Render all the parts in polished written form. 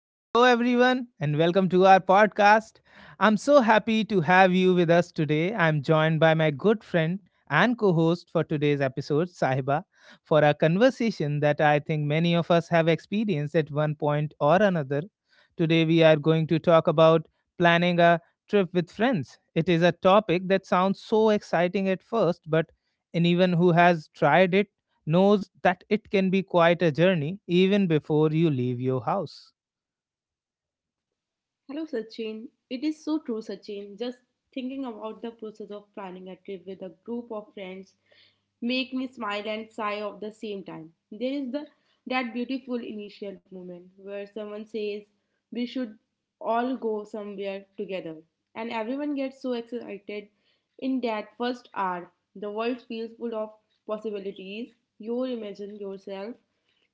Hello, everyone, and welcome to our podcast. I'm so happy to have you with us today. I'm joined by my good friend and co host for today's episode, Sahiba, for a conversation that I think many of us have experienced at one point or another. Today, we are going to talk about planning a trip with friends. It is a topic that sounds so exciting at first, but anyone who has tried it knows that it can be quite a journey even before you leave your house. Hello, Sachin. It is so true, Sachin. Just thinking about the process of planning a trip with a group of friends make me smile and sigh at the same time. There is the that beautiful initial moment where someone says we should all go somewhere together, and everyone gets so excited. In that first hour, the world feels full of possibilities. You imagine yourself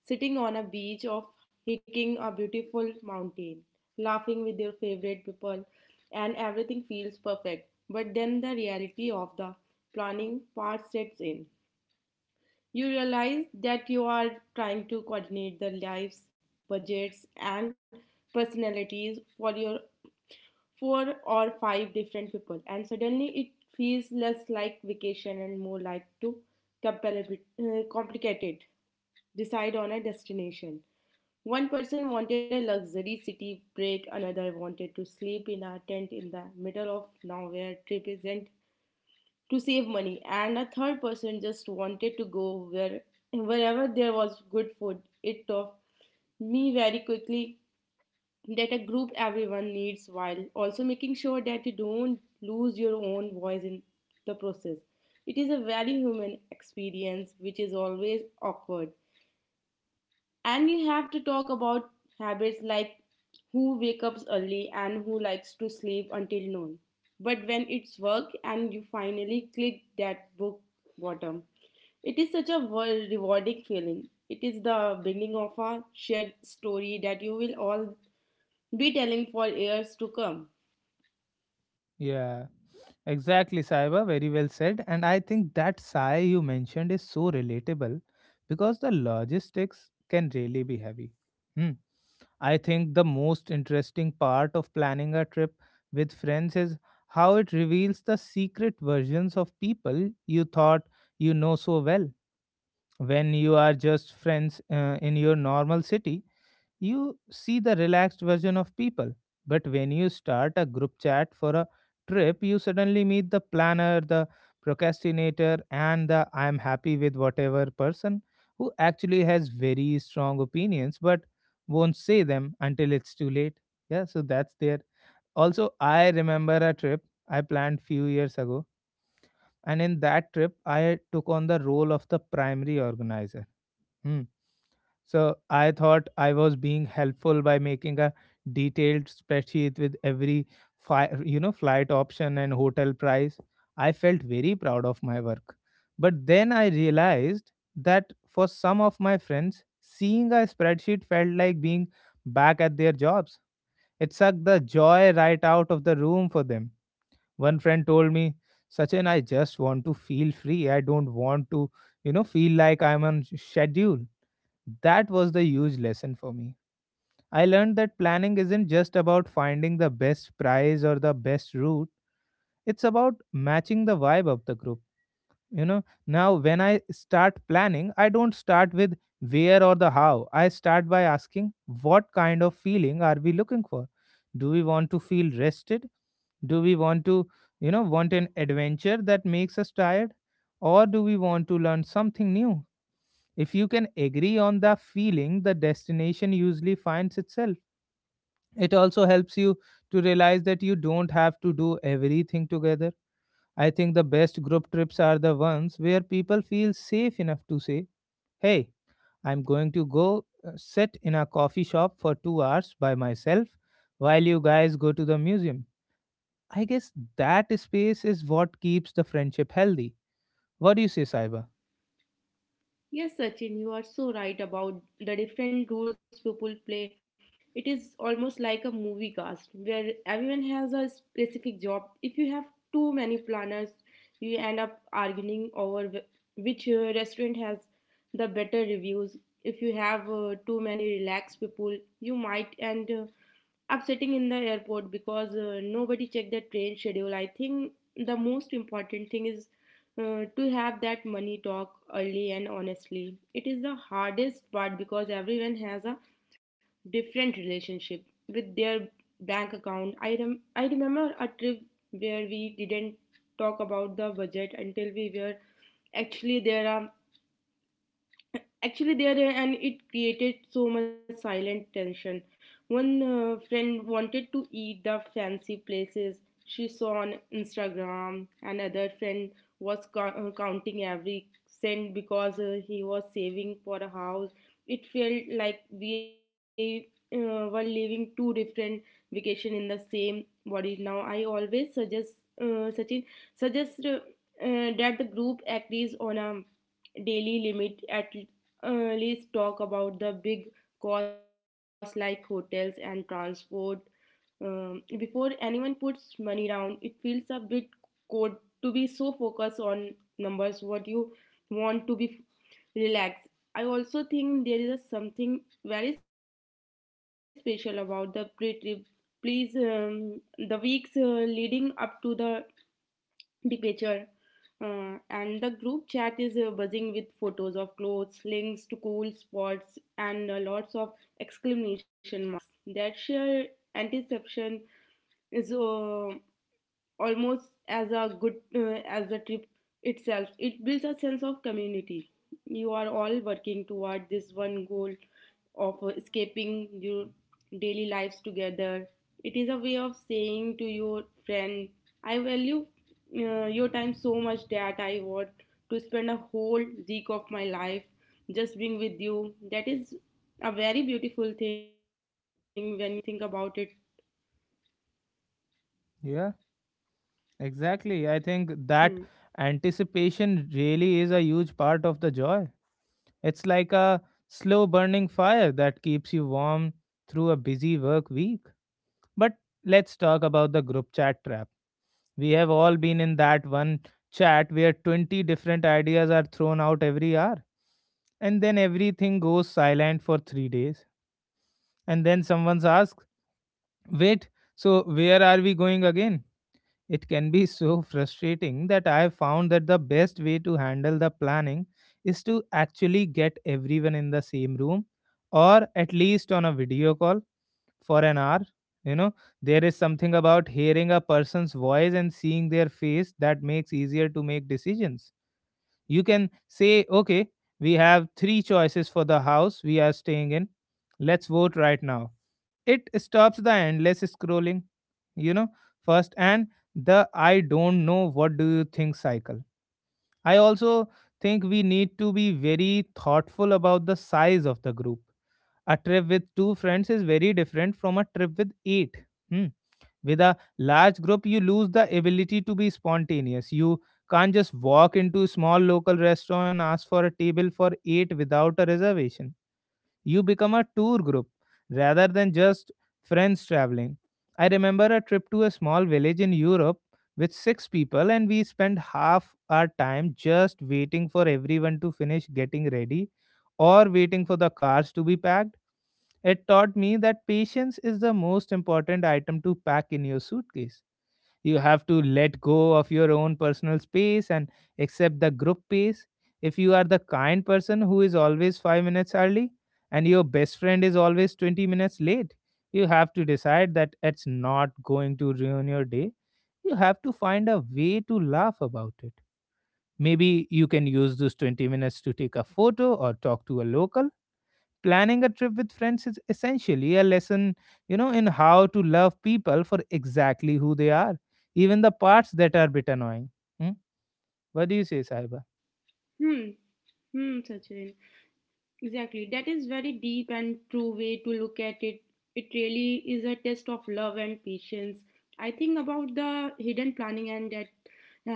sitting on a beach of hiking a beautiful mountain, laughing with your favorite people, and everything feels perfect. But then the reality of the planning part sets in. You realize that you are trying to coordinate the lives, budgets, and personalities for your four or five different people, and suddenly it feels less like vacation and more like to complicated decide on a destination. One person wanted a luxury city break, another wanted to sleep in a tent in the middle of nowhere to save money, and a third person just wanted to go wherever there was good food. It taught me very quickly that a group everyone needs while also making sure that you don't lose your own voice in the process. It is a very human experience which is always awkward and we have to talk about habits like who wakes up early and who likes to sleep until noon. But when it's work and you finally click that book bottom, it is such a rewarding feeling. It is the beginning of a shared story that you will all be telling for years to come. Yeah, exactly, Saiba. Very well said. And I think that sigh you mentioned is so relatable because the logistics can really be heavy. Hmm. I think the most interesting part of planning a trip with friends is how it reveals the secret versions of people you thought you know so well. When you are just friends in your normal city, you see the relaxed version of people. But when you start a group chat for a trip, you suddenly meet the planner, the procrastinator, and the I am happy with whatever person who actually has very strong opinions but won't say them until it's too late. Yeah, so that's there. Also, I remember a trip I planned few years ago, and in that trip, I took on the role of the primary organizer. Hmm. So I thought I was being helpful by making a detailed spreadsheet with every flight option and hotel price. I felt very proud of my work. But then I realized that for some of my friends, seeing a spreadsheet felt like being back at their jobs. It sucked the joy right out of the room for them. One friend told me, Sachin, I just want to feel free. I don't want to feel like I'm on schedule. That was the huge lesson for me. I learned that planning isn't just about finding the best price or the best route, it's about matching the vibe of the group. Now when I start planning, I don't start with where or the how. I start by asking what kind of feeling are we looking for? Do we want to feel rested? Do we want to want an adventure that makes us tired? Or do we want to learn something new? If you can agree on the feeling, the destination usually finds itself. It also helps you to realize that you don't have to do everything together. I think the best group trips are the ones where people feel safe enough to say, Hey, I'm going to go sit in a coffee shop for 2 hours by myself while you guys go to the museum. I guess that space is what keeps the friendship healthy. What do you say, Saiba? Yes, Sachin, you are so right about the different roles people play. It is almost like a movie cast where everyone has a specific job. If you have too many planners, you end up arguing over which restaurant has the better reviews. If you have too many relaxed people, you might end upsetting in the airport because nobody checked the train schedule. I think the most important thing is to have that money talk early and honestly. It is the hardest part because everyone has a different relationship with their bank account. I remember a trip where we didn't talk about the budget until we were actually there um, actually there and it created so much silent tension. One friend wanted to eat the fancy places she saw on Instagram, another friend was counting every cent because he was saving for a house. It felt like we were living two different vacation in the same body. Now I always suggest sachin suggest that the group agrees on a daily limit at let's talk about the big costs like hotels and transport. Before anyone puts money down, it feels a bit cold to be so focused on numbers, what you want to be relaxed. I also think there is a something very special about the pre trip. The weeks leading up to the picture and the group chat is buzzing with photos of clothes links to cool spots and lots of exclamation marks that share anticipation is almost as a good as the trip itself. It builds a sense of community. You are all working toward this one goal of escaping your daily lives together. It is a way of saying to your friend I value your time so much that I want to spend a whole week of my life just being with you. That is a very beautiful thing when you think about it. Exactly. I think Hmm. that anticipation really is a huge part of the joy. It's like a slow burning fire that keeps you warm through a busy work week. But let's talk about the group chat trap. We have all been in that one chat where 20 different ideas are thrown out every hour, and then everything goes silent for 3 days. And then someone asks, Wait, so where are we going again? It can be so frustrating that I have found that the best way to handle the planning is to actually get everyone in the same room or at least on a video call for an hour. You know, there is something about hearing a person's voice and seeing their face that makes easier to make decisions. You can say, okay, we have three choices for the house we are staying in. Let's vote right now. It stops the endless scrolling, you know, first, and the I don't know what do you think cycle. I also think we need to be very thoughtful about the size of the group. A trip with two friends is very different from a trip with eight. Hmm. With a large group, you lose the ability to be spontaneous. You can't just walk into a small local restaurant and ask for a table for eight without a reservation. You become a tour group rather than just friends traveling. I remember a trip to a small village in Europe with six people, and we spent half our time just waiting for everyone to finish getting ready or waiting for the cars to be packed. It taught me that patience is the most important item to pack in your suitcase. You have to let go of your own personal space and accept the group pace. If you are the kind person who is always 5 minutes early and your best friend is always 20 minutes late, you have to decide that it's not going to ruin your day. You have to find a way to laugh about it. Maybe you can use those 20 minutes to take a photo or talk to a local. Planning a trip with friends is essentially a lesson in how to love people for exactly who they are, even the parts that are a bit annoying. Hmm? What do you say, Saiba? Hmm. Hmm, Sachin. Exactly. That is very deep and true way to look at it. It really is a test of love and patience. I think about the hidden planning and that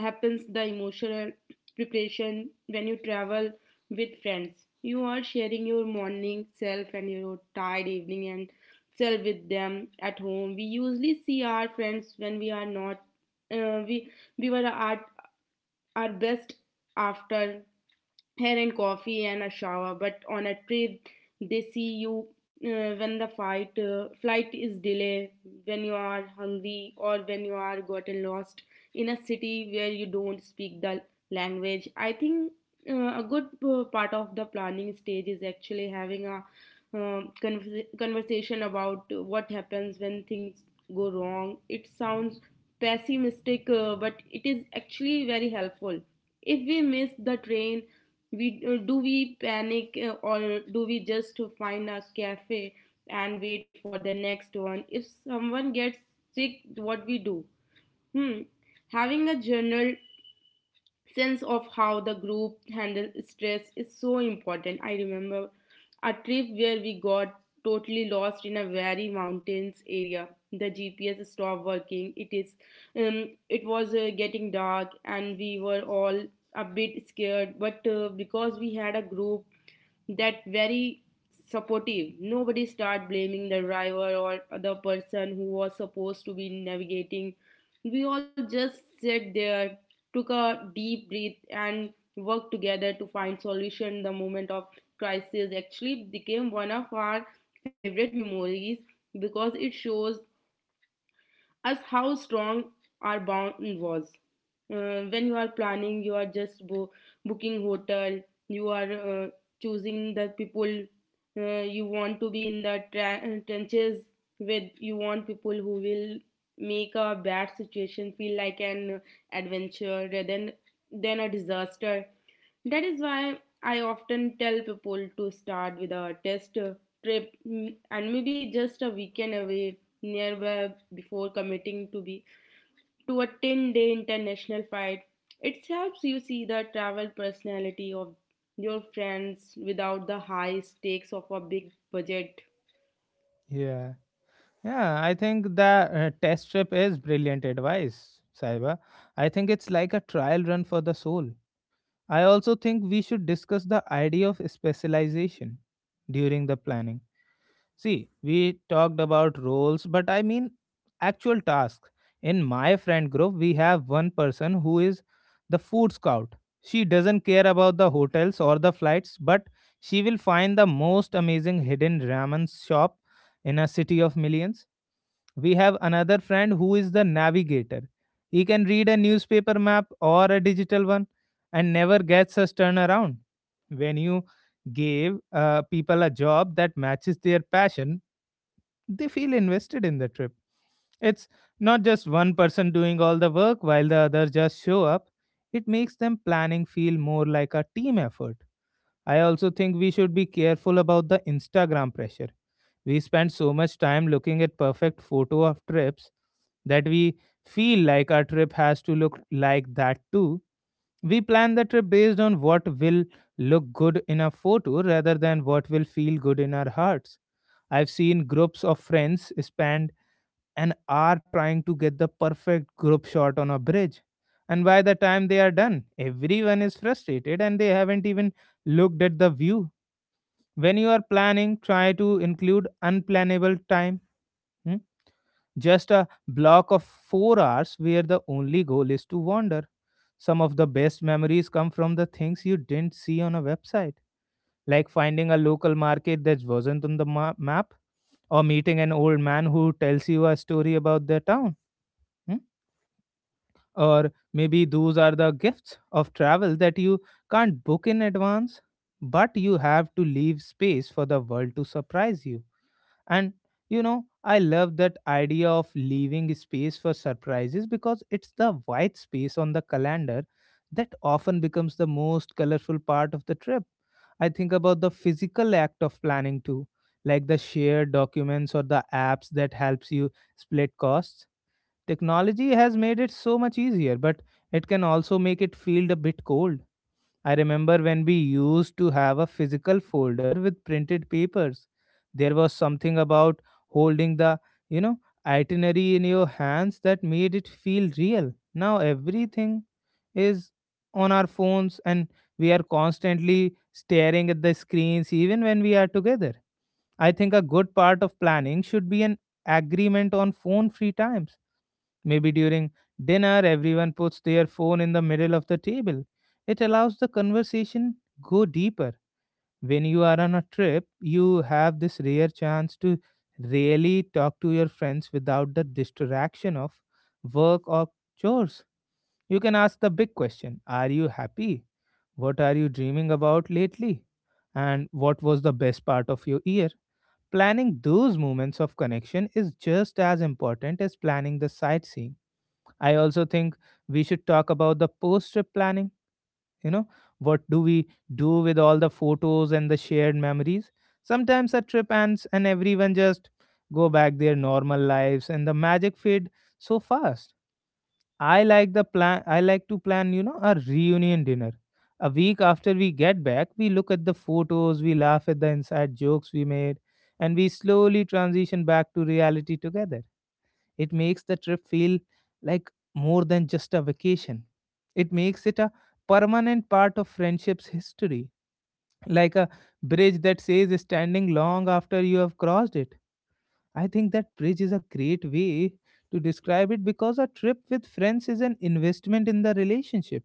happens the emotional preparation when you travel with friends. You are sharing your morning self and your tired evening and self with them at home. We usually see our friends when we are not we we were at are best after hair and coffee and a shower, but on a trip they see you when the fight flight is delayed, when you are hungry or when you are gotten lost in a city where you don't speak the language. I think a good part of the planning stage is actually having a conversation about what happens when things go wrong. It sounds pessimistic, but it is actually very helpful. If we miss the train, we do we panic or do we just find a cafe and wait for the next one? If someone gets sick, what we do? Hmm. Having a journal sense of how the group handle stress is so important. I remember a trip where we got totally lost in a very mountains area. The GPS stopped working. It was getting dark, and we were all a bit scared. But because we had a group that very supportive. Nobody start blaming the driver or the person who was supposed to be navigating. We all just sat there, took a deep breath, and worked together to find solution. The moment of crisis actually became one of our favorite memories because it shows as how strong our bond was. When you are planning, you are just booking hotel, you are choosing the people you want to be in the trenches with. You want people who will make a bad situation feel like an adventure rather than a disaster. That is why I often tell people to start with a test trip, and maybe just a weekend away nearby before committing to a ten day international flight. It helps you see the travel personality of your friends without the high stakes of a big budget. Yeah, yeah, I think the test trip is brilliant advice, Saiba. I think it's like a trial run for the soul. I also think we should discuss the idea of specialization during the planning. See, we talked about roles, but I mean actual tasks. In my friend group, we have one person who is the food scout. She doesn't care about the hotels or the flights, but she will find the most amazing hidden ramen shop in a city of millions. We have another friend who is the navigator. He can read a newspaper map or a digital one and never gets us turnaround. When you give people a job that matches their passion, they feel invested in the trip. It's not just one person doing all the work while the other just show up. It makes them planning feel more like a team effort. I also think we should be careful about the Instagram pressure. We spend so much time looking at perfect photo of trips that we feel like our trip has to look like that too. We plan the trip based on what will look good in a photo rather than what will feel good in our hearts. I've seen groups of friends spend an hour trying to get the perfect group shot on a bridge. And by the time they are done, everyone is frustrated and they haven't even looked at the view. When you are planning, try to include unplannable time. Hmm? Just a block of 4 hours where the only goal is to wander. Some of the best memories come from the things you didn't see on a website, like finding a local market that wasn't on the map, or meeting an old man who tells you a story about their town. Hmm? Or maybe those are the gifts of travel that you can't book in advance, but you have to leave space for the world to surprise you. And I love that idea of leaving space for surprises because it's the white space on the calendar that often becomes the most colorful part of the trip. I think about the physical act of planning too, like the shared documents or the apps that helps you split costs. Technology has made it so much easier, but it can also make it feel a bit cold. I remember when we used to have a physical folder with printed papers. There was something about holding the, you know, itinerary in your hands that made it feel real. Now everything is on our phones and we are constantly staring at the screens even when we are together. I think a good part of planning should be an agreement on phone free times. Maybe during dinner, everyone puts their phone in the middle of the table. It allows the conversation go deeper. When you are on a trip, you have this rare chance to really talk to your friends without the distraction of work or chores. You can ask the big question: Are you happy? What are you dreaming about lately? And what was the best part of your year? Planning those moments of connection is just as important as planning the sightseeing. I also think we should talk about the post trip planning. You know, what do we do with all the photos and the shared memories? Sometimes a trip ends and everyone just go back their normal lives and the magic fade so fast. I like to plan a reunion dinner. A week after we get back, we look at the photos, we laugh at the inside jokes we made, and we slowly transition back to reality together. It makes the trip feel like more than just a vacation. It makes it a permanent part of friendship's history, like a bridge that says standing long after you have crossed it. I think that bridge is a great way to describe it because a trip with friends is an investment in the relationship.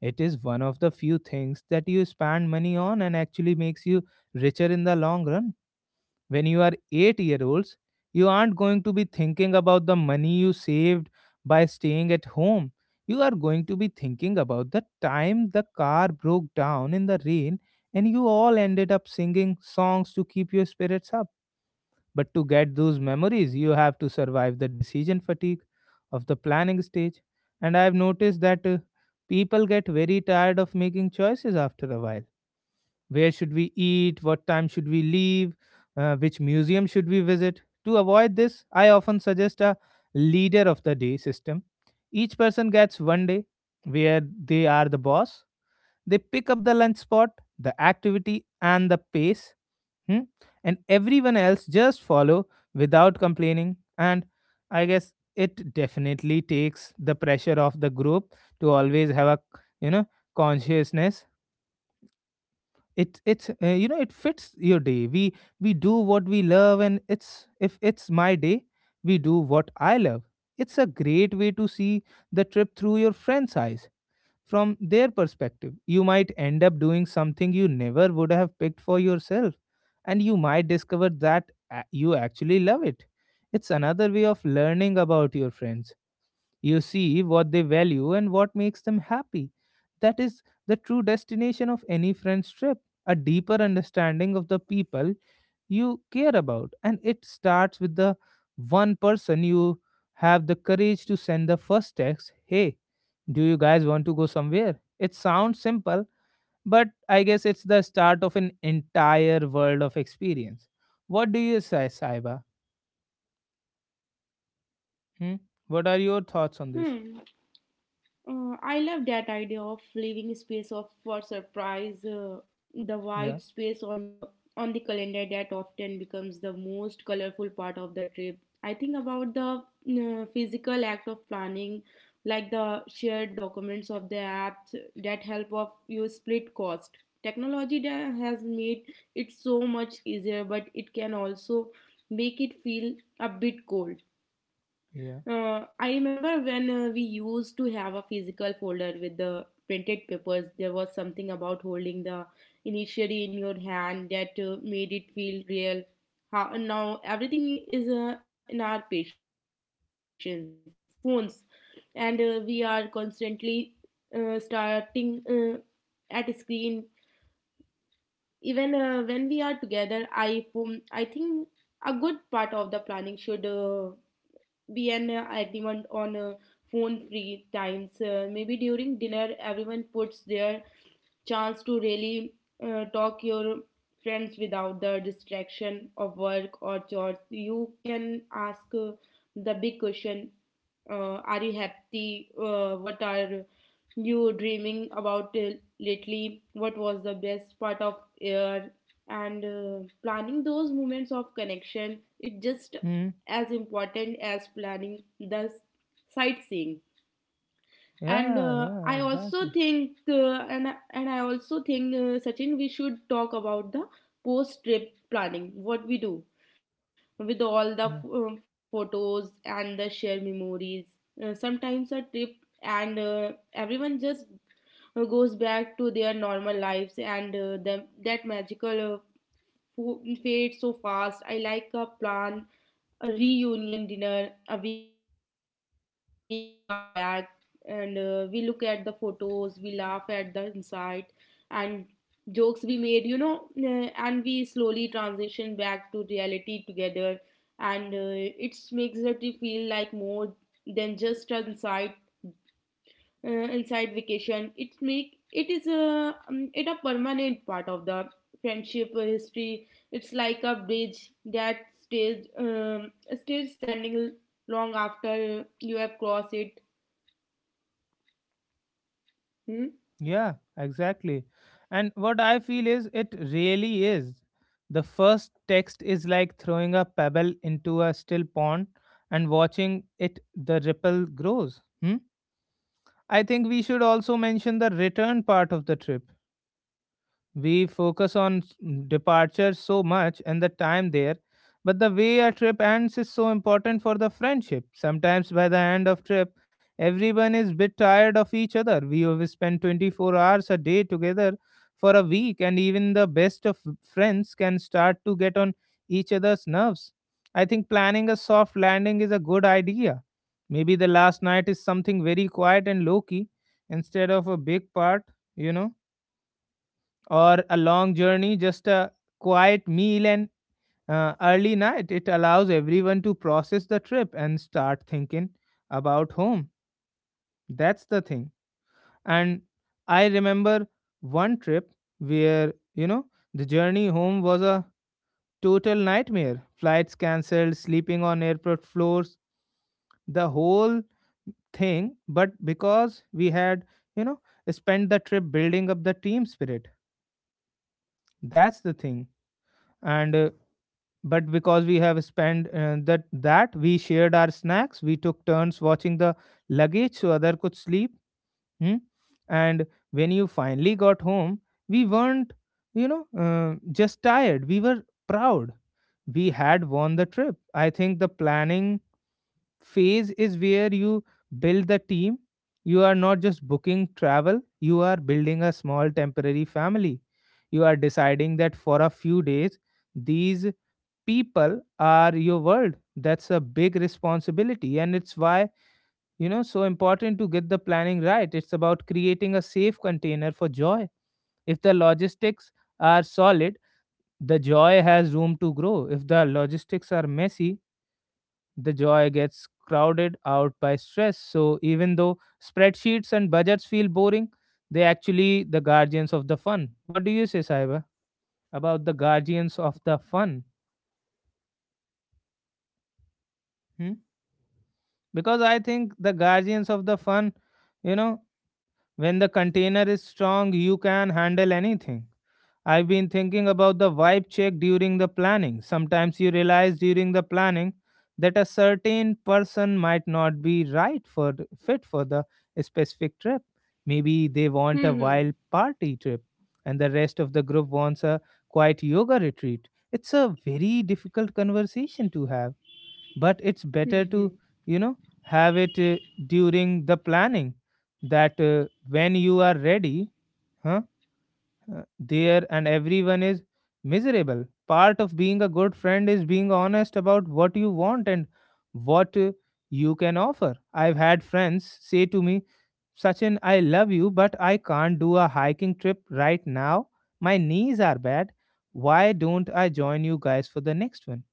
It is one of the few things that you spend money on and actually makes you richer in the long run. When you are 8-year olds, you aren't going to be thinking about the money you saved by staying at home. You are going to be thinking about the time the car broke down in the rain and you all ended up singing songs to keep your spirits up. But to get those memories, you have to survive the decision fatigue of the planning stage. And I have noticed that people get very tired of making choices after a while. Where should we eat? What time should we leave? Which museum should we visit? To avoid this, I often suggest a leader of the day system. Each person gets one day where they are the boss. They pick up the lunch spot, the activity, and the pace. Hmm? And everyone else just follow without complaining. And I guess it definitely takes the pressure off the group to always have a you know consciousness. It's it fits your day. We do what we love, and it's if it's my day, we do what I love. It's a great way to see the trip through your friend's eyes. From their perspective, you might end up doing something you never would have picked for yourself, and you might discover that you actually love it. It's another way of learning about your friends. You see what they value and what makes them happy. That is the true destination of any friend's trip, a deeper understanding of the people you care about. And it starts with the one person you have the courage to send the first text. Hey, do you guys want to go somewhere? It sounds simple, but I guess it's the start of an entire world of experience. What do you say, Saiba? Hmm? What are your thoughts on this? Hmm. I love that idea of leaving space of for surprise. Uh, the Yeah, white space on your on the calendar that often becomes the most colorful part of the trip. I think about the physical act of planning, like the shared documents of the apps that help of you split cost. Technology that has made it so much easier, but it can also make it feel a bit cold. yeah. I remember when we used to have a physical folder with the printed papers. There was something about holding the initially in your hand that made it feel real. How, now everything is in our patients, phones, and we are constantly starting at a screen. Even when we are together, I think a good part of the planning should be an agreement on phone free times. Maybe during dinner, everyone puts their chance to really talk your friends without the distraction of work or chores. You can ask the big question, are you happy, what are you dreaming about lately, what was the best part of year? And planning those moments of connection it's just Hmm? as important as planning the sightseeing. And Yeah, yeah, I also exactly. think and I- and I also think Sachin we should talk about the post trip planning, what we do with all the Yeah, photos and the shared memories. Sometimes a trip and everyone just goes back to their normal lives and that magical fades so fast. I like a plan a reunion dinner a week after we get back, and we look at the photos, we laugh at the insight and jokes we made, you know, and we slowly transition back to reality together. And it makes the trip feel like more than just an insight inside vacation. It make it is a um, it a permanent part of the friendship history. It's like a bridge that stays um, stays standing long after you have crossed it. Hmm. yeah, exactly. And what I feel is it really is. The first text is like throwing a pebble into a still pond and watching it the ripple grows. Hmm? I think we should also mention the return part of the trip. We focus on departure so much and the time there, but the way a trip ends is so important for the friendship. Sometimes by the end of trip, everyone is bit tired of each other. We have spent 24 hours a day together for a week, and even the best of friends can start to get on each other's nerves. I think planning a soft landing is a good idea. Maybe the last night is something very quiet and low key instead of a big part, you know, or a long journey, just a quiet meal and early night. It allows everyone to process the trip and start thinking about home. That's the thing. And I remember one trip where, you know, the journey home was a total nightmare. Flights cancelled, sleeping on airport floors, the whole thing. But because we had, you know, spent the trip building up the team spirit, that's the thing. And but because we have spent that we shared our snacks, we took turns watching the luggage so other could sleep. Hmm? And when you finally got home, we weren't, you know, just tired, we were proud. We had won the trip. I think the planning phase is where you build the team. You are not just booking travel, you are building a small temporary family. You are deciding that for a few days these people are your world. That's a big responsibility, and it's why, you know, so important to get the planning right. It's about creating a safe container for joy. If the logistics are solid, the joy has room to grow. If the logistics are messy, the joy gets crowded out by stress. So even though spreadsheets and budgets feel boring, they actually the guardians of the fun. What do you say, Saiba, about the guardians of the fun? Hmm. Because I think the guardians of the fun, you know, when the container is strong, you can handle anything. I've been thinking about the vibe check during the planning. Sometimes you realize during the planning that a certain person might not be right for fit for the specific trip. Maybe they want a Hmm. wild Hmm. party trip and the rest of the group wants a quiet yoga retreat. It's a very difficult conversation to have, but it's better Hmm, to, hmm. you know, have it during the planning. That when you are ready, huh, there and everyone is miserable. Part of being a good friend is being honest about what you want and what you can offer. I've had friends say to me, Sachin, I love you, but I can't do a hiking trip right now. My knees are bad. Why don't I join you guys for the next one?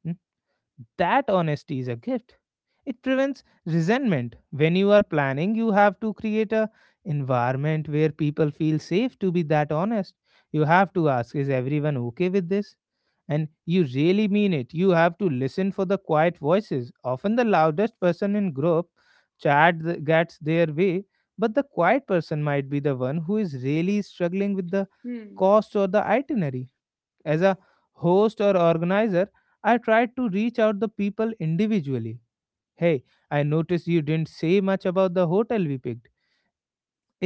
That honesty is a gift. It prevents resentment. When you are planning, you have to create a environment where people feel safe to be that honest. You have to ask, is everyone okay with this? And you really mean it. You have to listen for the quiet voices. Often the loudest person in group chat gets their way, but the quiet person might be the one who is really struggling with the Hmm. cost or the itinerary. As a host or organizer, I tried to reach out the people individually. Hey, I noticed you didn't say much about the hotel we picked.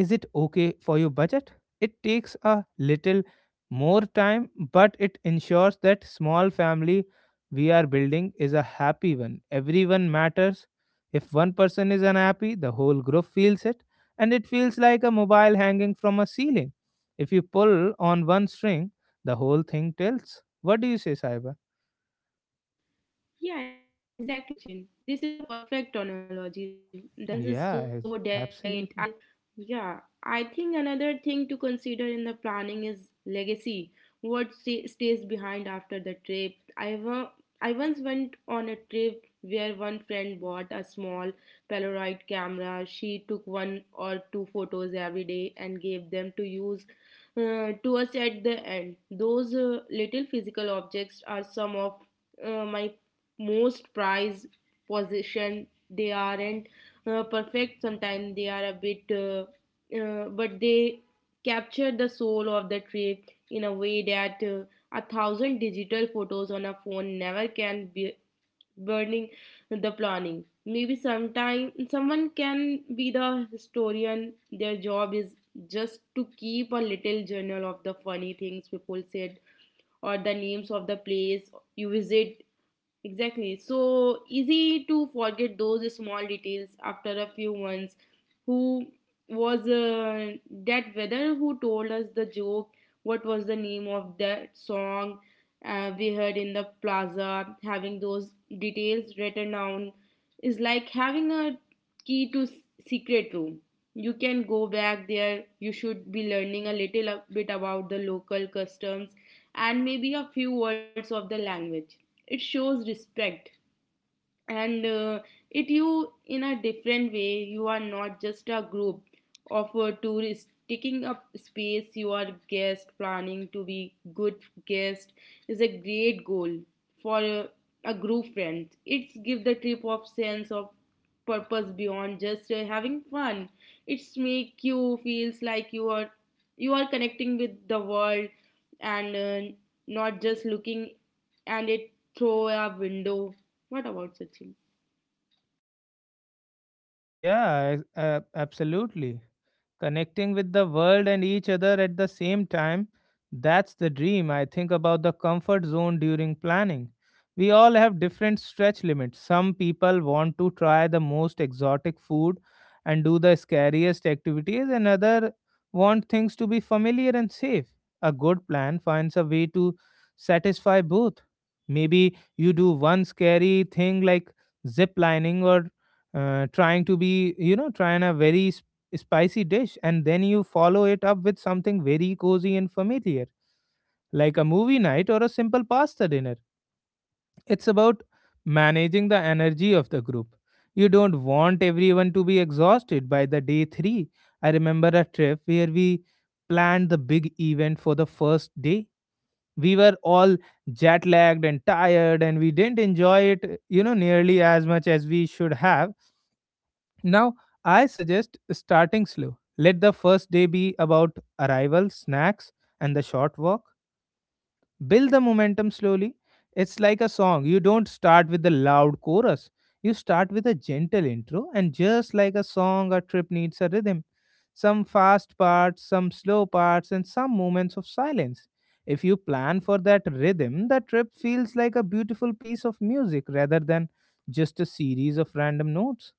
Is it okay for your budget? It takes a little more time, but it ensures that small family we are building is a happy one. Everyone matters. If one person is unhappy, the whole group feels it, and it feels like a mobile hanging from a ceiling. If you pull on one string, the whole thing tilts. What do you say, Saiba? Yeah, exactly, Sachin. This is a perfect analogy. The balance is so delicate. I, Absolutely. yeah, I think another thing to consider in the planning is legacy. What stays behind after the trip? I once went on a trip where one friend bought a small Polaroid camera. She took one or two photos every day and gave them to use to us at the end. Those little physical objects are some of my most prize position. They aren't perfect sometimes they are a bit but they capture the soul of the trip in a way that a thousand digital photos on a phone never can be burning. The planning maybe sometime someone can be the historian. Their job is just to keep a little journal of the funny things people said or the names of the place you visit. Exactly. So easy to forget those small details after a few months. Who was that weather who told us the joke? What was the name of that song we heard in the plaza? Having those details written down is like having a key to s- secret room. You can go back there. You should be learning a little bit about the local customs and maybe a few words of the language, it shows respect, and it you in a different way, you are not just a group of tourists taking up space, you are guest planning to be good guest is a great goal for a group friend. It's give the trip of sense of purpose beyond just having fun. It's make you feels like you are connecting with the world and not just looking and it through a window. What about Sachin? Absolutely. Connecting with the world and each other at the same time. That's the dream. I think about the comfort zone during planning. We all have different stretch limits. Some people want to try the most exotic food and do the scariest activities, and others want things to be familiar and safe. A good plan finds a way to satisfy both. Maybe you do one scary thing like zip lining or trying to be you know trying a very spicy dish, and then you follow it up with something very cozy and familiar, like a movie night or a simple pasta dinner. It's about managing the energy of the group. You don't want everyone to be exhausted by the day 3. I remember a trip where we planned the big event for the first day. We were all jet lagged and tired, and we didn't enjoy it, you know, nearly as much as we should have. Now, I suggest starting slow. Let the first day be about arrival, snacks, and the short walk. Build the momentum slowly. It's like a song. You don't start with the loud chorus. You start with a gentle intro, and just like a song, a trip needs a rhythm. Some fast parts, some slow parts, and some moments of silence. If you plan for that rhythm, the trip feels like a beautiful piece of music rather than just a series of random notes.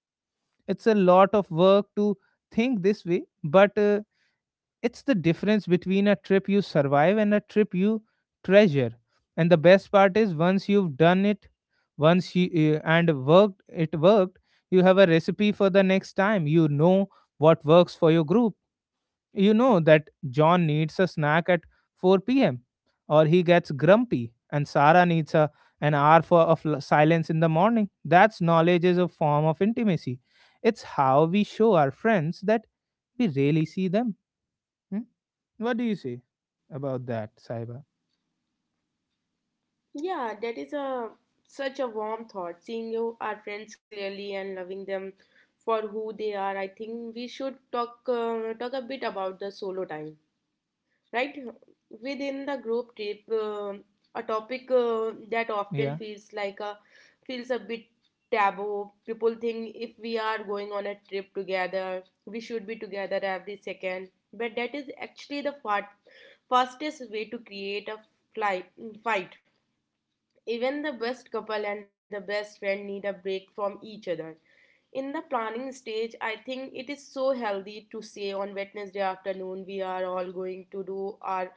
It's a lot of work to think this way, but it's the difference between a trip you survive and a trip you treasure. And the best part is once you've done it, once you it worked, you have a recipe for the next time. You know what works for your group. You know that John needs a snack at 4 p.m. or he gets grumpy, and Sarah needs an hour of silence in the morning. That's knowledge is a form of intimacy. It's how we show our friends that we really see them. Hmm? What do you say about that, Saiba? Yeah, that is a such a warm thought. Seeing you, our friends clearly and loving them for who they are. I think we should talk a bit about the solo time. Right within the group trip, a topic that often Yeah, feels like a feels a bit taboo. People think if we are going on a trip together we should be together every second, but that is actually the fastest way to create a fly, fight. Even the best couple and the best friend need a break from each other. In the planning stage I think it is so healthy to say on Wednesday afternoon we are all going to do our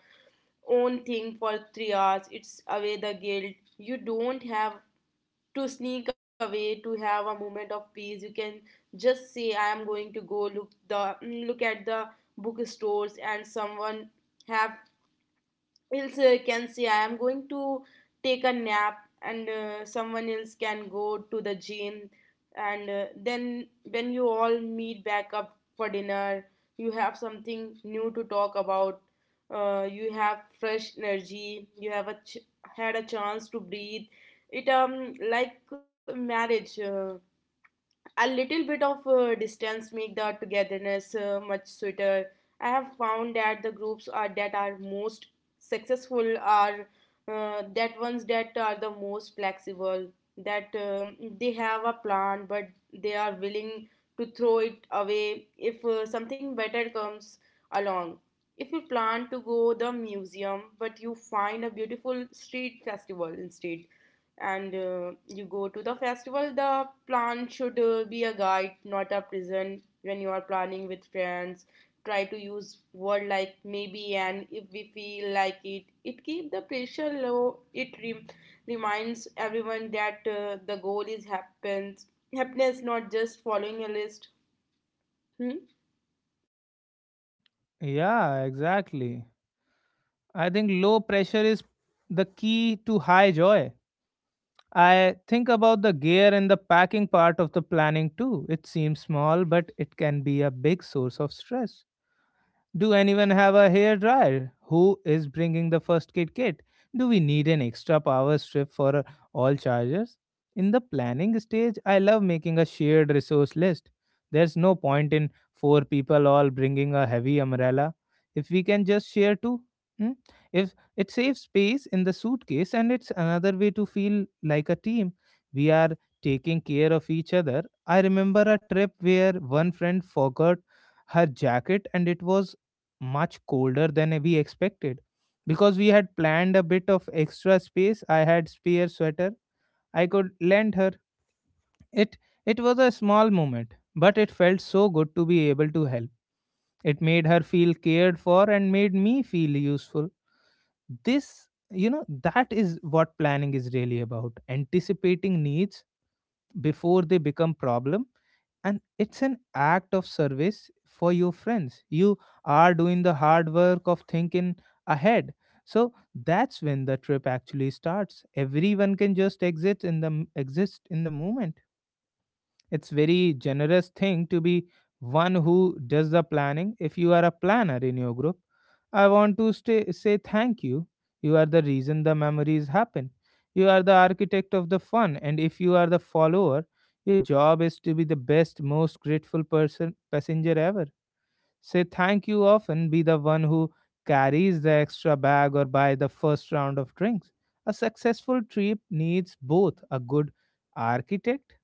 own thing for 3 hours. It's away the guilt. You don't have to sneak away to have a moment of peace. You can just say, "I am going to go look at the bookstores," and someone have else can say I am going to take a nap, and someone else can go to the gym, and then when you all meet back up for dinner you have something new to talk about. You have fresh energy, you have had a chance to breathe. It like marriage, a little bit of distance make the togetherness much sweeter. I have found that the groups are that are most successful are that ones that are the most flexible, that they have a plan but they are willing to throw it away if something better comes along. If you plan to go the museum but you find a beautiful street festival instead, and you go to the festival, the plan should be a guide not a prison. When you are planning with friends, try to use word like maybe and if we feel like it keep the pressure low. It reminds everyone that the goal is happens happiness, not just following a list. Hmm? yeah, exactly. I think low pressure is the key to high joy. I think about the gear and the packing part of the planning too. It seems small, but it can be a big source of stress. Do anyone have a hair dryer? Who is bringing the first aid kit? Do we need an extra power strip for all chargers? In the planning stage, I love making a shared resource list. There's no point in four people all bringing a heavy umbrella if we can just share two. Hmm? If it saves space in the suitcase and it's another way to feel like a team, we are taking care of each other. I remember a trip where one friend forgot her jacket and it was much colder than we expected. Because we had planned a bit of extra space, I had spare sweater I could lend her. It it was a small moment, but it felt so good to be able to help. It made her feel cared for and made me feel useful. This that is what planning is really about: anticipating needs before they become problem. And it's an act of service for your friends. You are doing the hard work of thinking ahead, so that's when the trip actually starts. Everyone can just exit in the m- exist in the moment. It's very generous thing to be one who does the planning. If you are a planner in your group, I want to say thank you. You are the reason the memories happen. You are the architect of the fun, and if you are the follower, your job is to be the best, most grateful person passenger ever. Say thank you often. Be the one who carries the extra bag or buy the first round of drinks. A successful trip needs both a good architect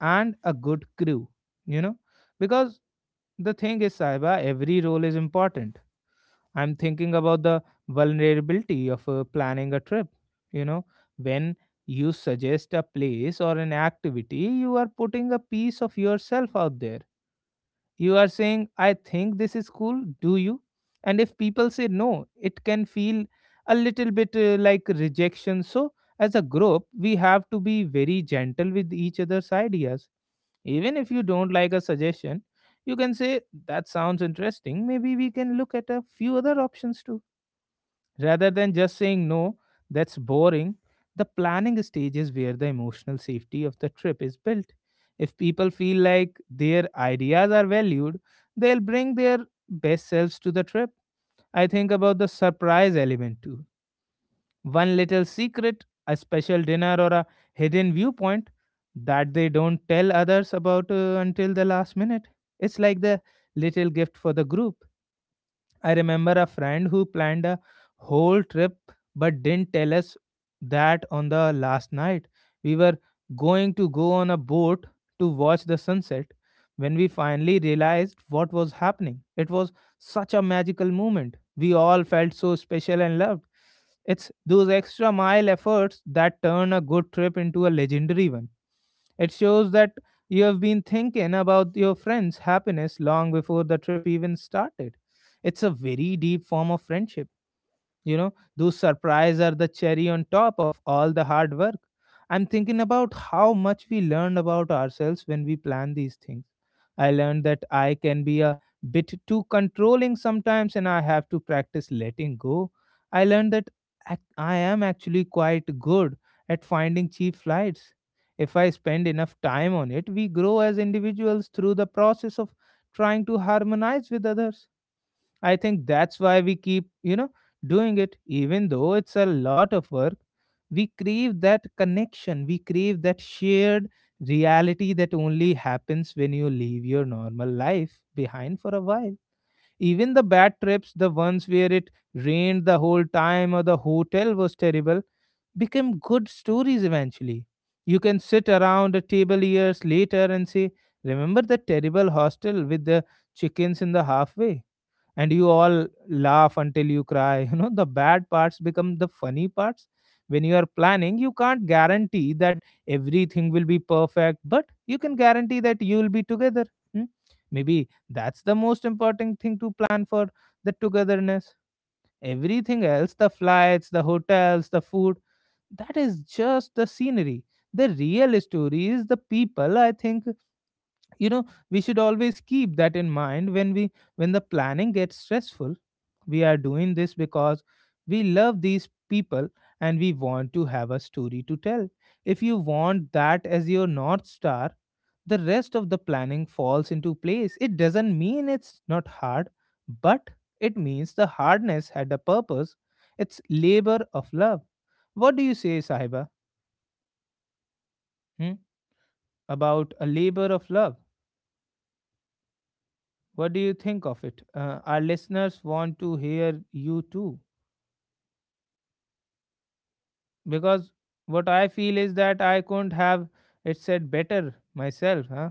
and a good crew, you know, because the thing is, Saiba, every role is important. I'm thinking about the vulnerability of planning a trip. You know, when you suggest a place or an activity, you are putting a piece of yourself out there. You are saying, I think this is cool, do you? And if people say no, it can feel a little bit like rejection. So, as a group, we have to be very gentle with each other's ideas. Even if you don't like a suggestion, you can say, that sounds interesting. Maybe we can look at a few other options too. Rather than just saying, no, that's boring. The planning stage is where the emotional safety of the trip is built. If people feel like their ideas are valued, they'll bring their best selves to the trip. I think about the surprise element too. One little secret, a special dinner, or a hidden viewpoint that they don't tell others about until the last minute. It's like the little gift for the group. I remember a friend who planned a whole trip but didn't tell us that on the last night. We were going to go on a boat to watch the sunset. When we finally realized what was happening, it was such a magical moment. We all felt so special and loved. It's those extra mile efforts that turn a good trip into a legendary one. It shows that you have been thinking about your friend's happiness long before the trip even started. It's a very deep form of friendship. You know, those surprises are the cherry on top of all the hard work. I'm thinking about how much we learned about ourselves when we plan these things. I learned that I can be a bit too controlling sometimes, and I have to practice letting go. I learned that I am actually quite good at finding cheap flights. If I spend enough time on it, we grow as individuals through the process of trying to harmonize with others. I think that's why we keep, doing it, even though it's a lot of work. We crave that connection, we crave that shared reality that only happens when you leave your normal life behind for a while. Even the bad trips, the ones where it rained the whole time or the hotel was terrible, became good stories eventually. You can sit around a table years later and say, remember the terrible hostel with the chickens in the halfway? And you all laugh until you cry. You know, the bad parts become the funny parts. When you are planning, you can't guarantee that everything will be perfect, but you can guarantee that you will be together. Hmm? Maybe that's the most important thing to plan for: the togetherness. Everything else, the flights, the hotels, the food, that is just the scenery. The real story is the people, I think. You know, we should always keep that in mind when we when the planning gets stressful. We are doing this because we love these people and we want to have a story to tell. If you want that as your North Star, the rest of the planning falls into place. It doesn't mean it's not hard, but it means the hardness had a purpose. It's labor of love. What do you say, Sahiba, hmm, about a labor of love? What do you think of it? Our listeners want to hear you too. Because what I feel is that I couldn't have it said better myself. Huh?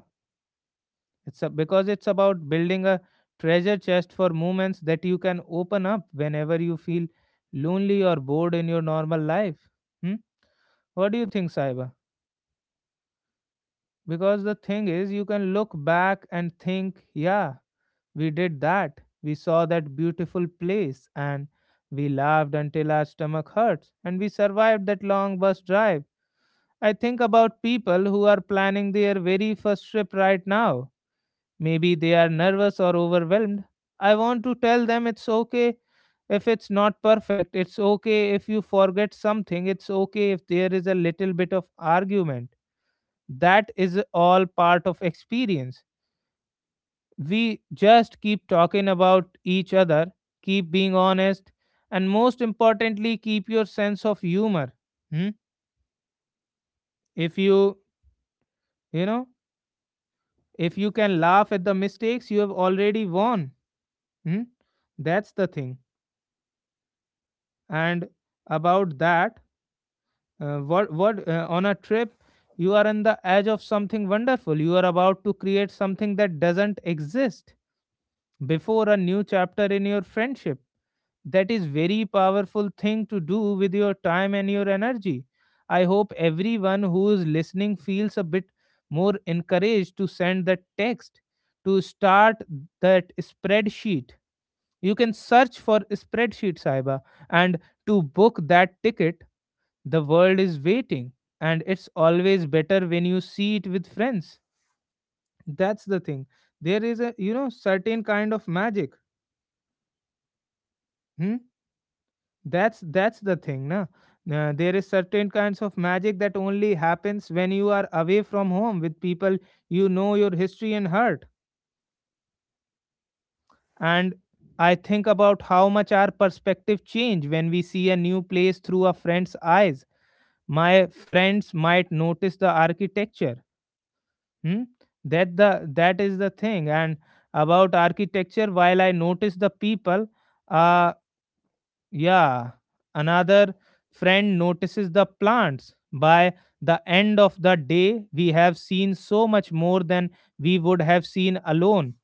Because it's about building a treasure chest for moments that you can open up whenever you feel lonely or bored in your normal life. Hmm? What do you think, Saiba? Because the thing is, you can look back and think, yeah, we did that. We saw that beautiful place and we laughed until our stomach hurts and we survived that long bus drive. I think about people who are planning their very first trip right now. Maybe they are nervous or overwhelmed. I want to tell them it's okay if it's not perfect, it's okay if you forget something, it's okay if there is a little bit of argument. That is all part of experience. We just keep talking about each other, keep being honest, and most importantly, keep your sense of humor. Hmm? If you know, if you can laugh at the mistakes, you have already won. Hmm? That's the thing. And about that, what on a trip, you are on the edge of something wonderful. You are about to create something that doesn't exist before, a new chapter in your friendship. That is very powerful thing to do with your time and your energy. I hope everyone who is listening feels a bit more encouraged to send that text, to start that spreadsheet. You can search for spreadsheet Saiba, and to book that ticket. The world is waiting, and it's always better when you see it with friends. That's the thing. There is a, certain kind of magic. Hmm? That's the thing, na. There is certain kinds of magic that only happens when you are away from home with people you know your history and heart. And I think about how much our perspective change when we see a new place through a friend's eyes. My friends might notice the architecture. Hmm? That is the thing. And about architecture, while I notice the people, uh yeah, another friend notices the plants. By the end of the day, we have seen so much more than we would have seen alone.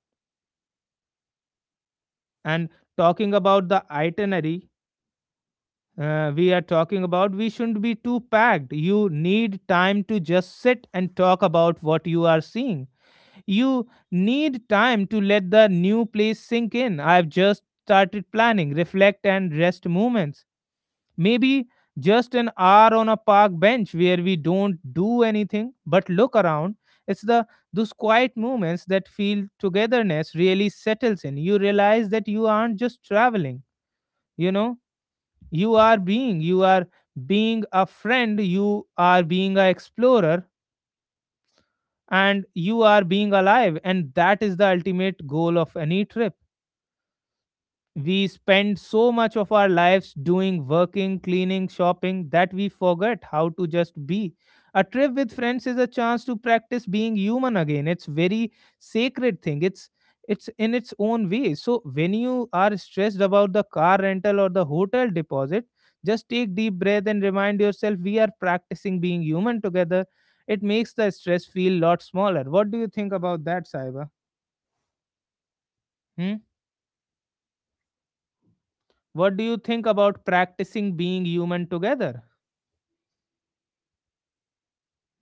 And talking about the itinerary, we are talking about, we shouldn't be too packed. You need time to just sit and talk about what you are seeing. You need time to let the new place sink in. I've just started planning reflect and rest movements. Maybe just an hour on a park bench where we don't do anything but look around. It's the those quiet moments that feel togetherness really settles in. You realize that you aren't just traveling. You know, you are being a friend, you are being an explorer, and you are being alive, and that is the ultimate goal of any trip. We spend so much of our lives doing working, cleaning, shopping, that we forget how to just be. A trip with friends is a chance to practice being human again. It's very sacred thing. It's in its own way. So when you are stressed about the car rental or the hotel deposit, just take deep breath and remind yourself, we are practicing being human together. It makes the stress feel lot smaller. What do you think about that, Saiba? Hmm? What do you think about practicing being human together?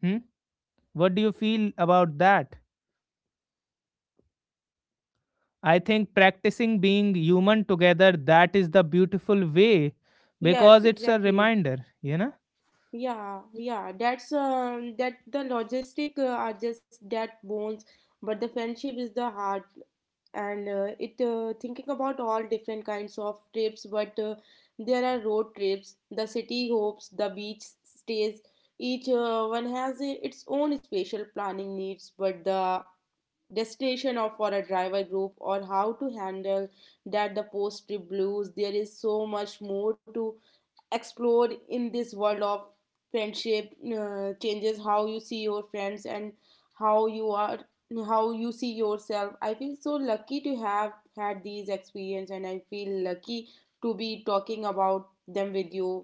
Hmm? What do you feel about that? I think practicing being human together, that is the beautiful way, Yes, because it's a exactly. reminder, you know? Yeah, yeah, that's that the logistic are just that bones, but the friendship is the heart. And it thinking about all different kinds of trips but there are road trips, the city hopes, the beach stays, each one has its own special planning needs, but the destination of for a driver group or how to handle that, the post trip blues, there is so much more to explored in this world of friendship. Changes how you see your friends and how you are how you see yourself. I feel so lucky to have had these experience and I feel lucky to be talking about them with you.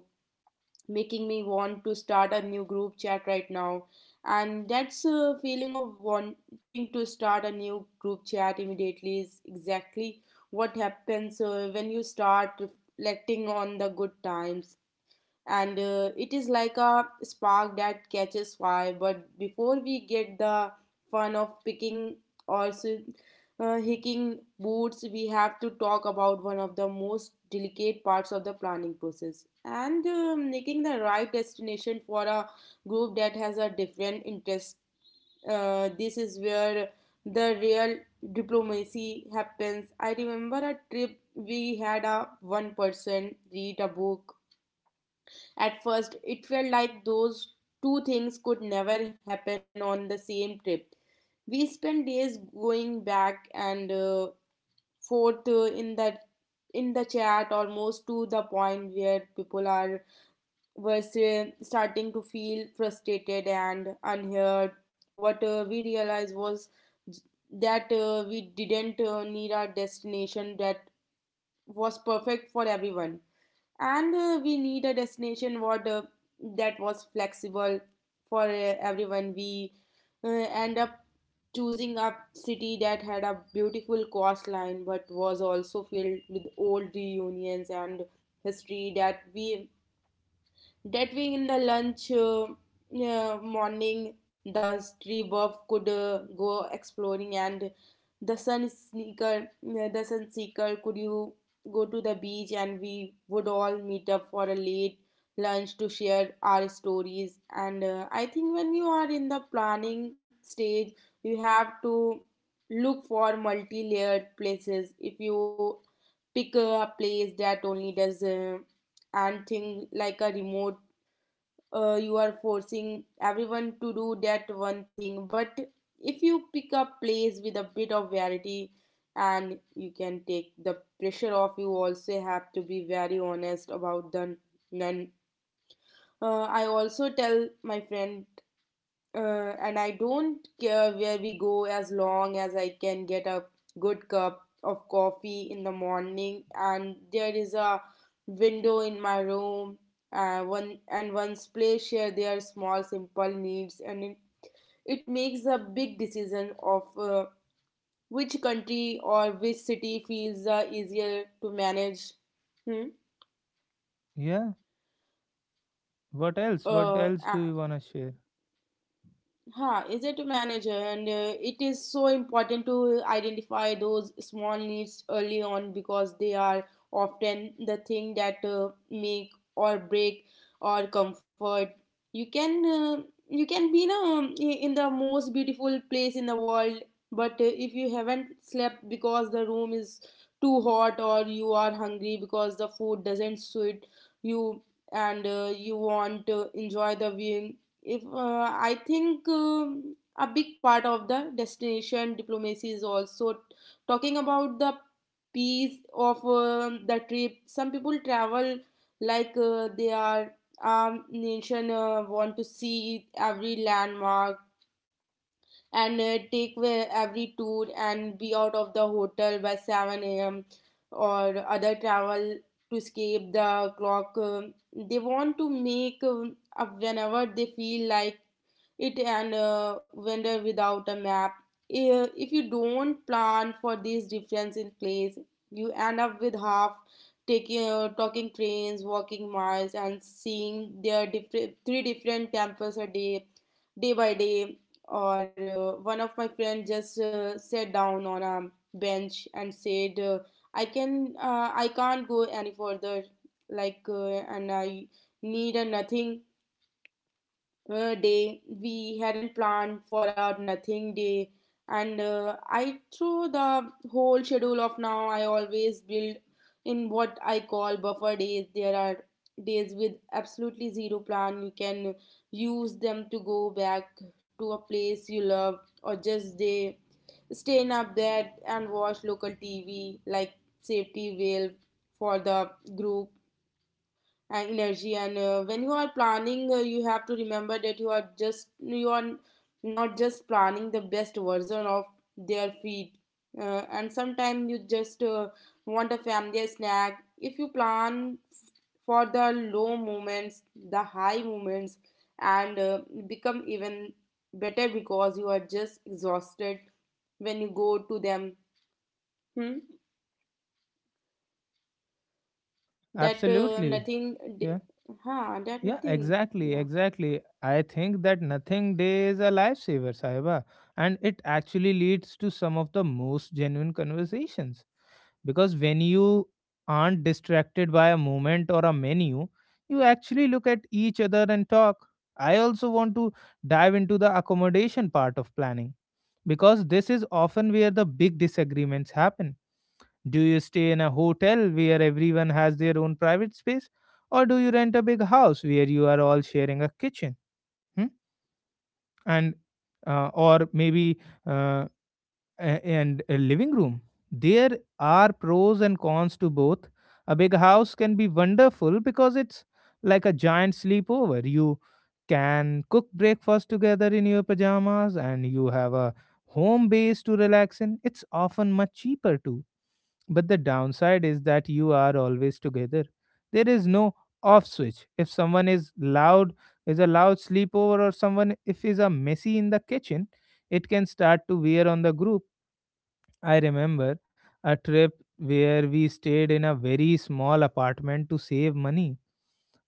Making me want to start a new group chat right now. And that's a feeling of wanting to start a new group chat immediately is exactly what happens when you start reflecting on the good times, and it is like a spark that catches fire. But before we get the fun of picking or hicking boots, we have to talk about one of the most delicate parts of the planning process, and making the right destination for a group that has a different interest. This is where the real diplomacy happens. I remember a trip we had a one person read a book. At first, it felt like those two things could never happen on the same trip. We spent days going back and forth in the chat, almost to the point where people are were say- starting to feel frustrated and unheard. What we realized was that we didn't need our destination that was perfect for everyone, and we need a destination what that was flexible for everyone. We end up choosing a city that had a beautiful coastline but was also filled with old reunions and history, that we that way in the lunch morning the tree bird could go exploring and the sun seeker could you go to the beach, and we would all meet up for a late lunch to share our stories. And I think when you are in the planning stage you have to look for multi-layered places. If you pick a place that only does and thing like a remote, you are forcing everyone to do that one thing, but if you pick up plays with a bit of variety, and you can take the pressure off. You also have to be very honest about the none. I also tell my friend, and I don't care where we go as long as I can get a good cup of coffee in the morning. And there is a window in my room. One and one's place share their small simple needs, and it makes a big decision of which country or which city feels easier to manage. Hmm? Yeah. What else? What Uh, else do you want to share? Huh, is it to manage, and it is so important to identify those small needs early on because they are often the thing that make or break or comfort. You can be you in the most beautiful place in the world, but if you haven't slept because the room is too hot, or you are hungry because the food doesn't suit you, and you want to enjoy the view. If I think a big part of the destination diplomacy is also talking about the piece of the trip. Some people travel like they are nation want to see every landmark, and take where every tour and be out of the hotel by 7 a.m., or other travel to escape the clock. They want to make up whenever they feel like it, and wander without a map. If you don't plan for these difference in place, you end up with half taking talking trains, walking miles, and seeing their different three different temples a day, day by day. Or one of my friends just sat down on a bench and said, I can't go any further." Like, and I need a nothing day. We hadn't planned for our nothing day. And I, through the whole schedule of now, I always build in what I call buffer days. There are days with absolutely zero plan. You can use them to go back to a place you love, or just stay in a bed and watch local TV like safety valve for the group energy. And when you are planning, you have to remember that you are not just planning the best version of their feed. And sometimes you just want a family snack. If you plan for the low moments, the high moments and become even better because you are just exhausted when you go to them. Hmm? That Absolutely. nothing d- Yeah. huh, that Yeah, nothing exactly, Yeah. exactly. I think that nothing day is a lifesaver, Sahiba, and it actually leads to some of the most genuine conversations. Because when you aren't distracted by a moment or a menu, you actually look at each other and talk. I also want to dive into the accommodation part of planning, because this is often where the big disagreements happen. Do you stay in a hotel where everyone has their own private space, or do you rent a big house where you are all sharing a kitchen, hmm? And or maybe uh, and a living room? There are pros and cons to both. A big house can be wonderful because it's like a giant sleepover. You can cook breakfast together in your pajamas, and you have a home base to relax in. It's often much cheaper too, but the downside is that you are always together. There is no off switch. If someone is loud, is a loud sleepover, or someone if is a messy in the kitchen, it can start to wear on the group. I remember a trip where we stayed in a very small apartment to save money.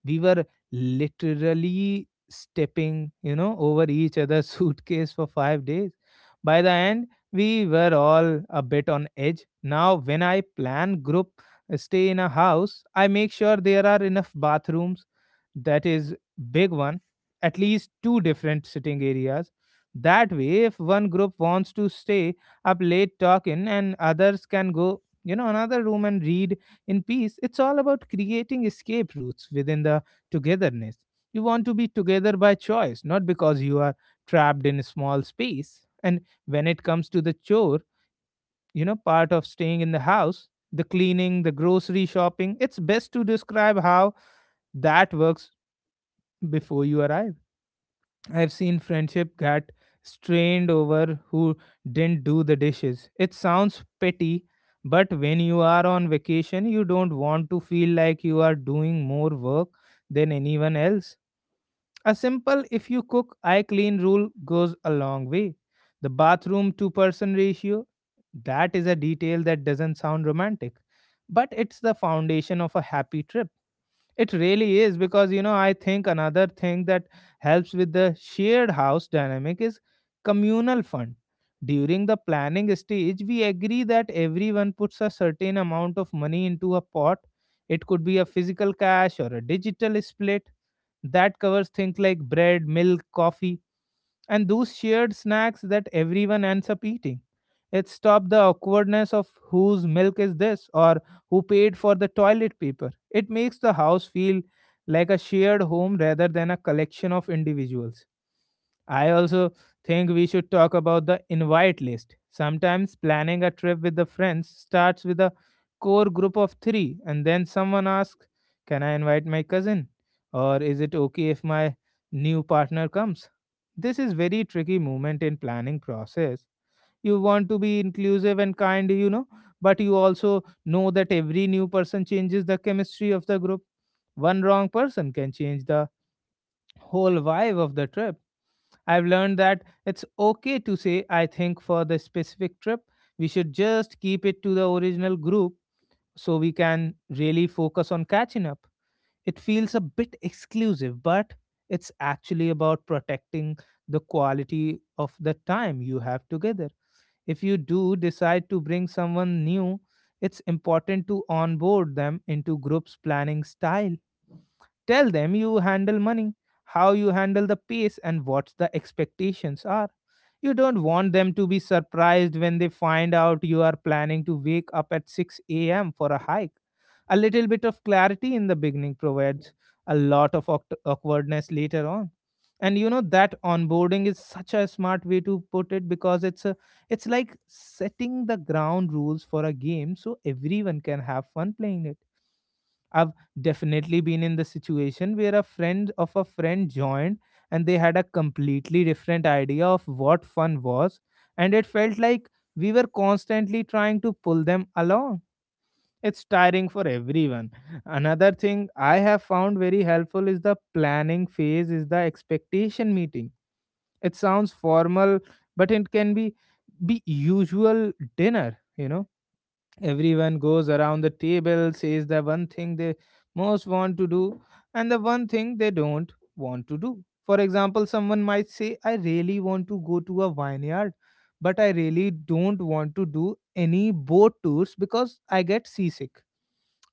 We were literally stepping over each other's suitcase for 5 days. By the end, we were all a bit on edge. Now when I plan group stay in a house, I make sure there are enough bathrooms. That is big one. At least two different sitting areas. That way if one group wants to stay up late talking, and others can go another room and read in peace. It's all about creating escape routes within the togetherness. You want to be together by choice, not because you are trapped in a small space. And when it comes to the chore, part of staying in the house, the cleaning, the grocery shopping, it's best to describe how that works before you arrive. I've seen friendship get strained over who didn't do the dishes. It sounds petty, but when you are on vacation, you don't want to feel like you are doing more work than anyone else. A simple if you cook, I clean rule goes a long way. The bathroom to person ratio, that is a detail that doesn't sound romantic, but it's the foundation of a happy trip. It really is, because I think another thing that helps with the shared house dynamic is communal fund. During the planning stage, we agree that everyone puts a certain amount of money into a pot. It could be a physical cash or a digital split that covers things like bread, milk, coffee, and those shared snacks that everyone ends up eating. It stopped the awkwardness of whose milk is this or who paid for the toilet paper. It makes the house feel like a shared home rather than a collection of individuals. I also think we should talk about the invite list. Sometimes planning a trip with the friends starts with a core group of three, and then someone asks, can I invite my cousin? Or is it okay if my new partner comes? This is very tricky moment in planning process. You want to be inclusive and kind, but you also know that every new person changes the chemistry of the group. One wrong person can change the whole vibe of the trip. I've learned that it's okay to say I think for the specific trip. We should just keep it to the original group so we can really focus on catching up. It feels a bit exclusive, but it's actually about protecting the quality of the time you have together. If you do decide to bring someone new, it's important to onboard them into group's planning style. Tell them you handle money, how you handle the pace, and what the expectations are. You don't want them to be surprised when they find out you are planning to wake up at 6 a.m. for a hike. A little bit of clarity in the beginning provides a lot of awkwardness later on. And you know that onboarding is such a smart way to put it, because it's like setting the ground rules for a game so everyone can have fun playing it. I've definitely been in the situation where a friend of a friend joined and they had a completely different idea of what fun was, and it felt like we were constantly trying to pull them along. It's tiring for everyone. Another thing I have found very helpful is the planning phase is the expectation meeting. It sounds formal, but it can be usual dinner, Everyone goes around the table, says the one thing they most want to do and the one thing they don't want to do. For example, someone might say, I really want to go to a vineyard, but I really don't want to do any boat tours because I get seasick.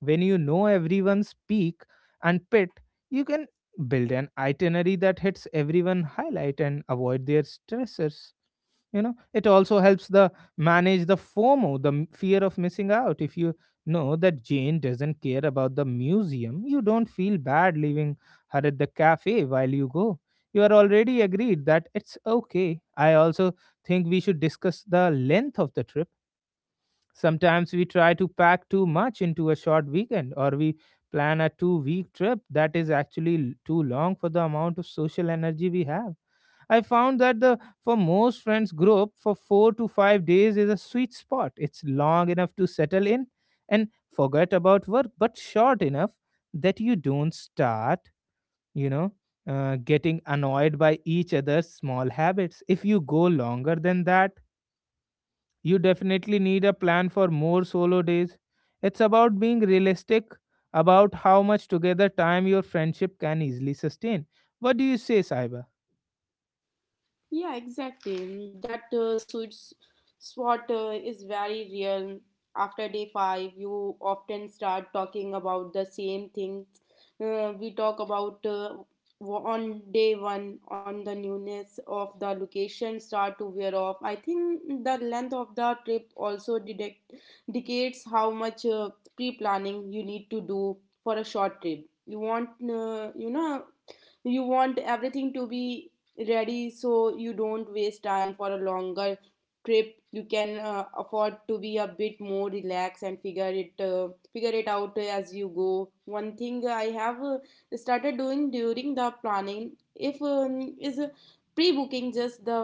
When you know everyone's peak and pit, you can build an itinerary that hits everyone highlight and avoid their stressors. It also helps the manage the FOMO, the fear of missing out. If you know that Jane doesn't care about the museum, you don't feel bad leaving her at the cafe while you go. You are already agreed that it's okay. I also think we should discuss the length of the trip. Sometimes we try to pack too much into a short weekend, or we plan a 2 week trip that is actually too long for the amount of social energy we have. I found that the for most friends group for 4 to 5 days is a sweet spot. It's long enough to settle in and forget about work, but short enough that you don't start, you know, getting annoyed by each other's small habits. If you go longer than that, you definitely need a plan for more solo days. It's about being realistic about how much together time your friendship can easily sustain. What do you say, Saiba? Yeah, exactly. Mm, that sweet spot is very real. After day 5, you often start talking about the same things we talk about on day 1, on the newness of the location start to wear off. I think the length of the trip also dictates how much pre-planning you need to do for a short trip. You want, you want everything to be ready so you don't waste time. For a longer trip you can afford to be a bit more relaxed and figure it out as you go. One thing I have started doing during the planning if is pre-booking just the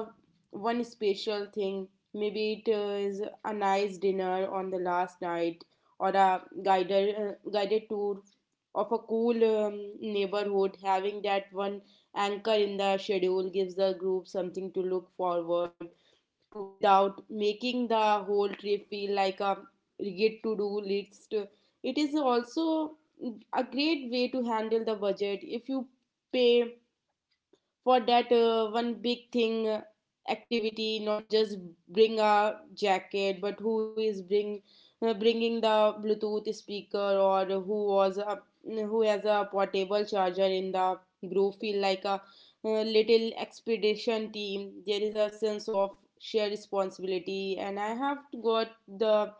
one special thing. Maybe it is a nice dinner on the last night, or a guided tour of a cool neighborhood. Having that one anchor in the schedule gives the group something to look forward to without making the whole trip feel like a rigid to do list. It is also a great way to handle the budget if you pay for that one big thing, activity. Not just bring a jacket, but who is bringing the bluetooth speaker, or who has a portable charger in the group. Feel like a little expedition team. There is a sense of shared responsibility, and I have got the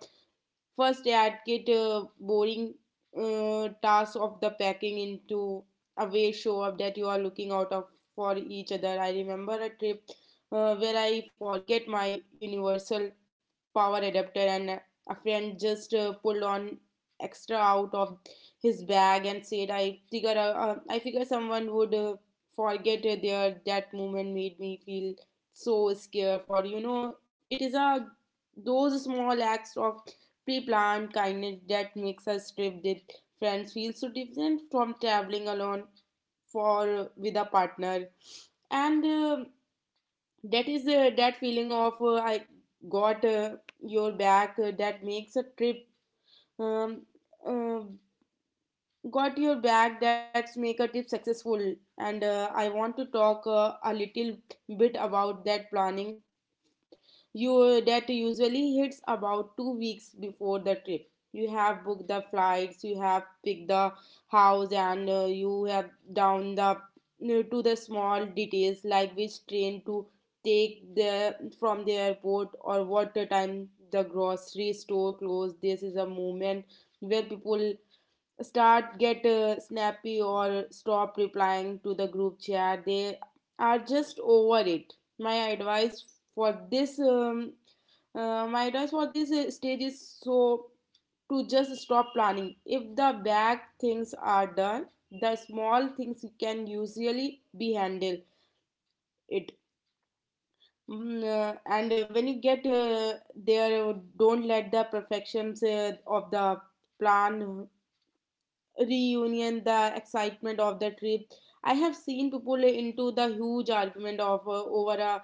first, I'd get a boring task of the packing into a way, show up that you are looking out of for each other. I remember a trip where I forget my universal power adapter and a friend just pulled on extra out of his bag and said, I figure someone would forget it there." That moment made me feel so scared for you know it is a, those small acts of pre-planned kindness that makes a trip with friends feel so different from traveling alone for with a partner. And that feeling of I got your back, that makes a trip um, uh, got your back that's make a trip successful. And I want to talk a little bit about that planning you that usually hits about 2 weeks before the trip. You have booked the flights, you have picked the house, and you have down the to the small details like which train to take the from the airport, or what time the grocery store closed. This is a moment where people start get snappy or stop replying to the group chat. They are just over it. My advice for this um, uh, my advice for this stage is so to just stop planning. If the big things are done, the small things can usually be handled it. And when you get there, don't let the perfections of the plan reunion, the excitement of the trip. I have seen people into the huge argument of over a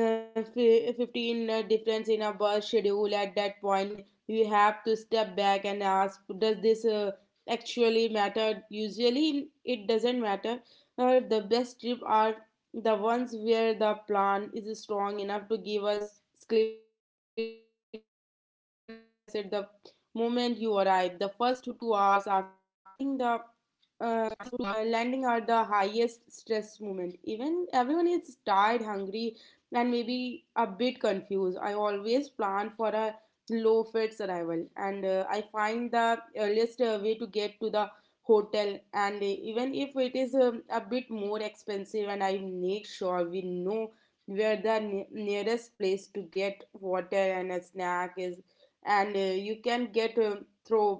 15 difference in a bus schedule. At that point, you have to step back and ask, does this actually matter? Usually, it doesn't matter. The best trip are the ones where the plan is strong enough to give us skeleton planning facet the moment you arrive. The first 2 hours after landing the landing are the highest stress moment. Even everyone is tired, hungry, and maybe a bit confused. I always plan for a low fare arrival, and I find the earliest way to get to the hotel. And even if it is a bit more expensive, and I make sure we know where the nearest place to get water and a snack is, and you can get through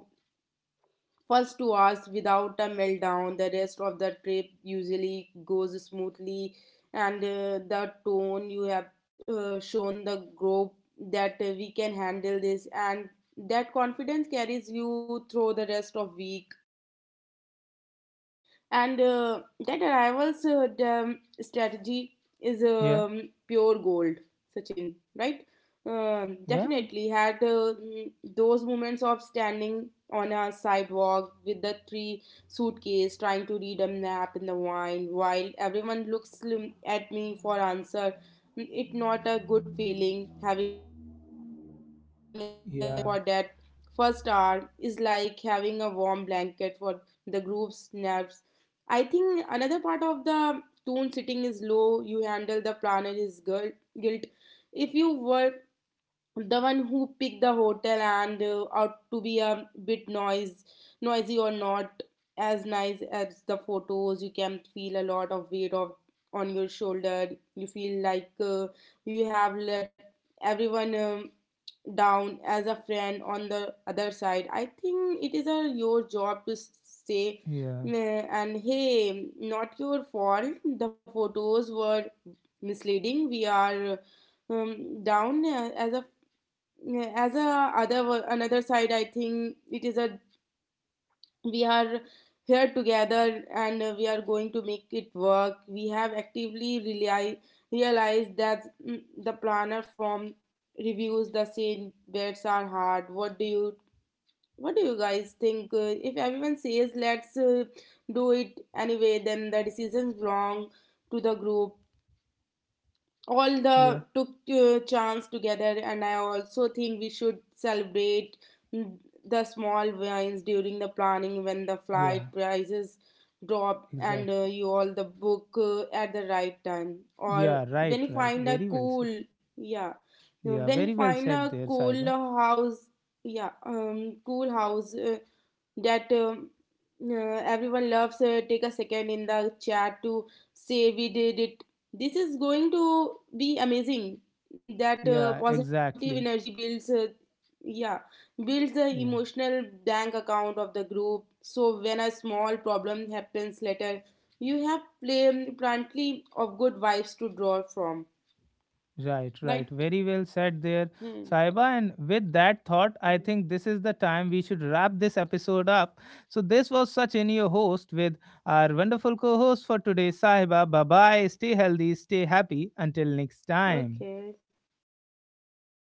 first 2 hours without a meltdown. The rest of the trip usually goes smoothly, and the tone you have shown the group that we can handle this, and that confidence carries you through the rest of week. And that arrivals strategy is Yeah. Pure gold. Sachin, right? Yeah. Definitely had those moments of standing on a sidewalk with the three suitcase trying to read a map in the wine while everyone looks slim at me for answer. It not a good feeling. Having a clear plan for that Yeah. first hour is like having a warm blanket for the group's nerves. I think another part of the tone sitting is low. You handle the planner is guilt. If you were the one who picked the hotel, and out to be a bit noisy or not as nice as the photos, you can feel a lot of weight of on your shoulder. You feel like you have let everyone down as a friend on the other side. I think it is a, your job to say, Yeah, "Meh," and hey not your fault the photos were misleading. We are down as a other another side. I think it is a we are here together, and we are going to make it work. We have actively realized that, the planner form reviews the same bets are hard. What do you guys think? If everyone says let's do it anyway, then the decision's belong to the group. All yeah, the took chance together. And I also think we should celebrate, mm, the small wins during the planning, when the flight yeah, prices drop, and exactly. you all the book at the right time, or Yeah, right, when you right. find a Very well said. cool, yeah, Yeah, when you very well find said a there, cool Saiba. house. Yeah, cool house that uh, everyone loves, take a second in the chat to say we did it, this is going to be amazing. That Yeah, positive exactly. energy builds, yeah, builds the Yeah, emotional bank account of the group, so when a small problem happens later you have plenty of good vibes to draw from. right, right. Right. Very well said there, Hmm. Saiba. And with that thought, I think this is the time we should wrap this episode up. So, this was Sachin, your host, with our wonderful co host for today, Saiba. Bye bye. Stay healthy, stay happy. Until next time. Okay.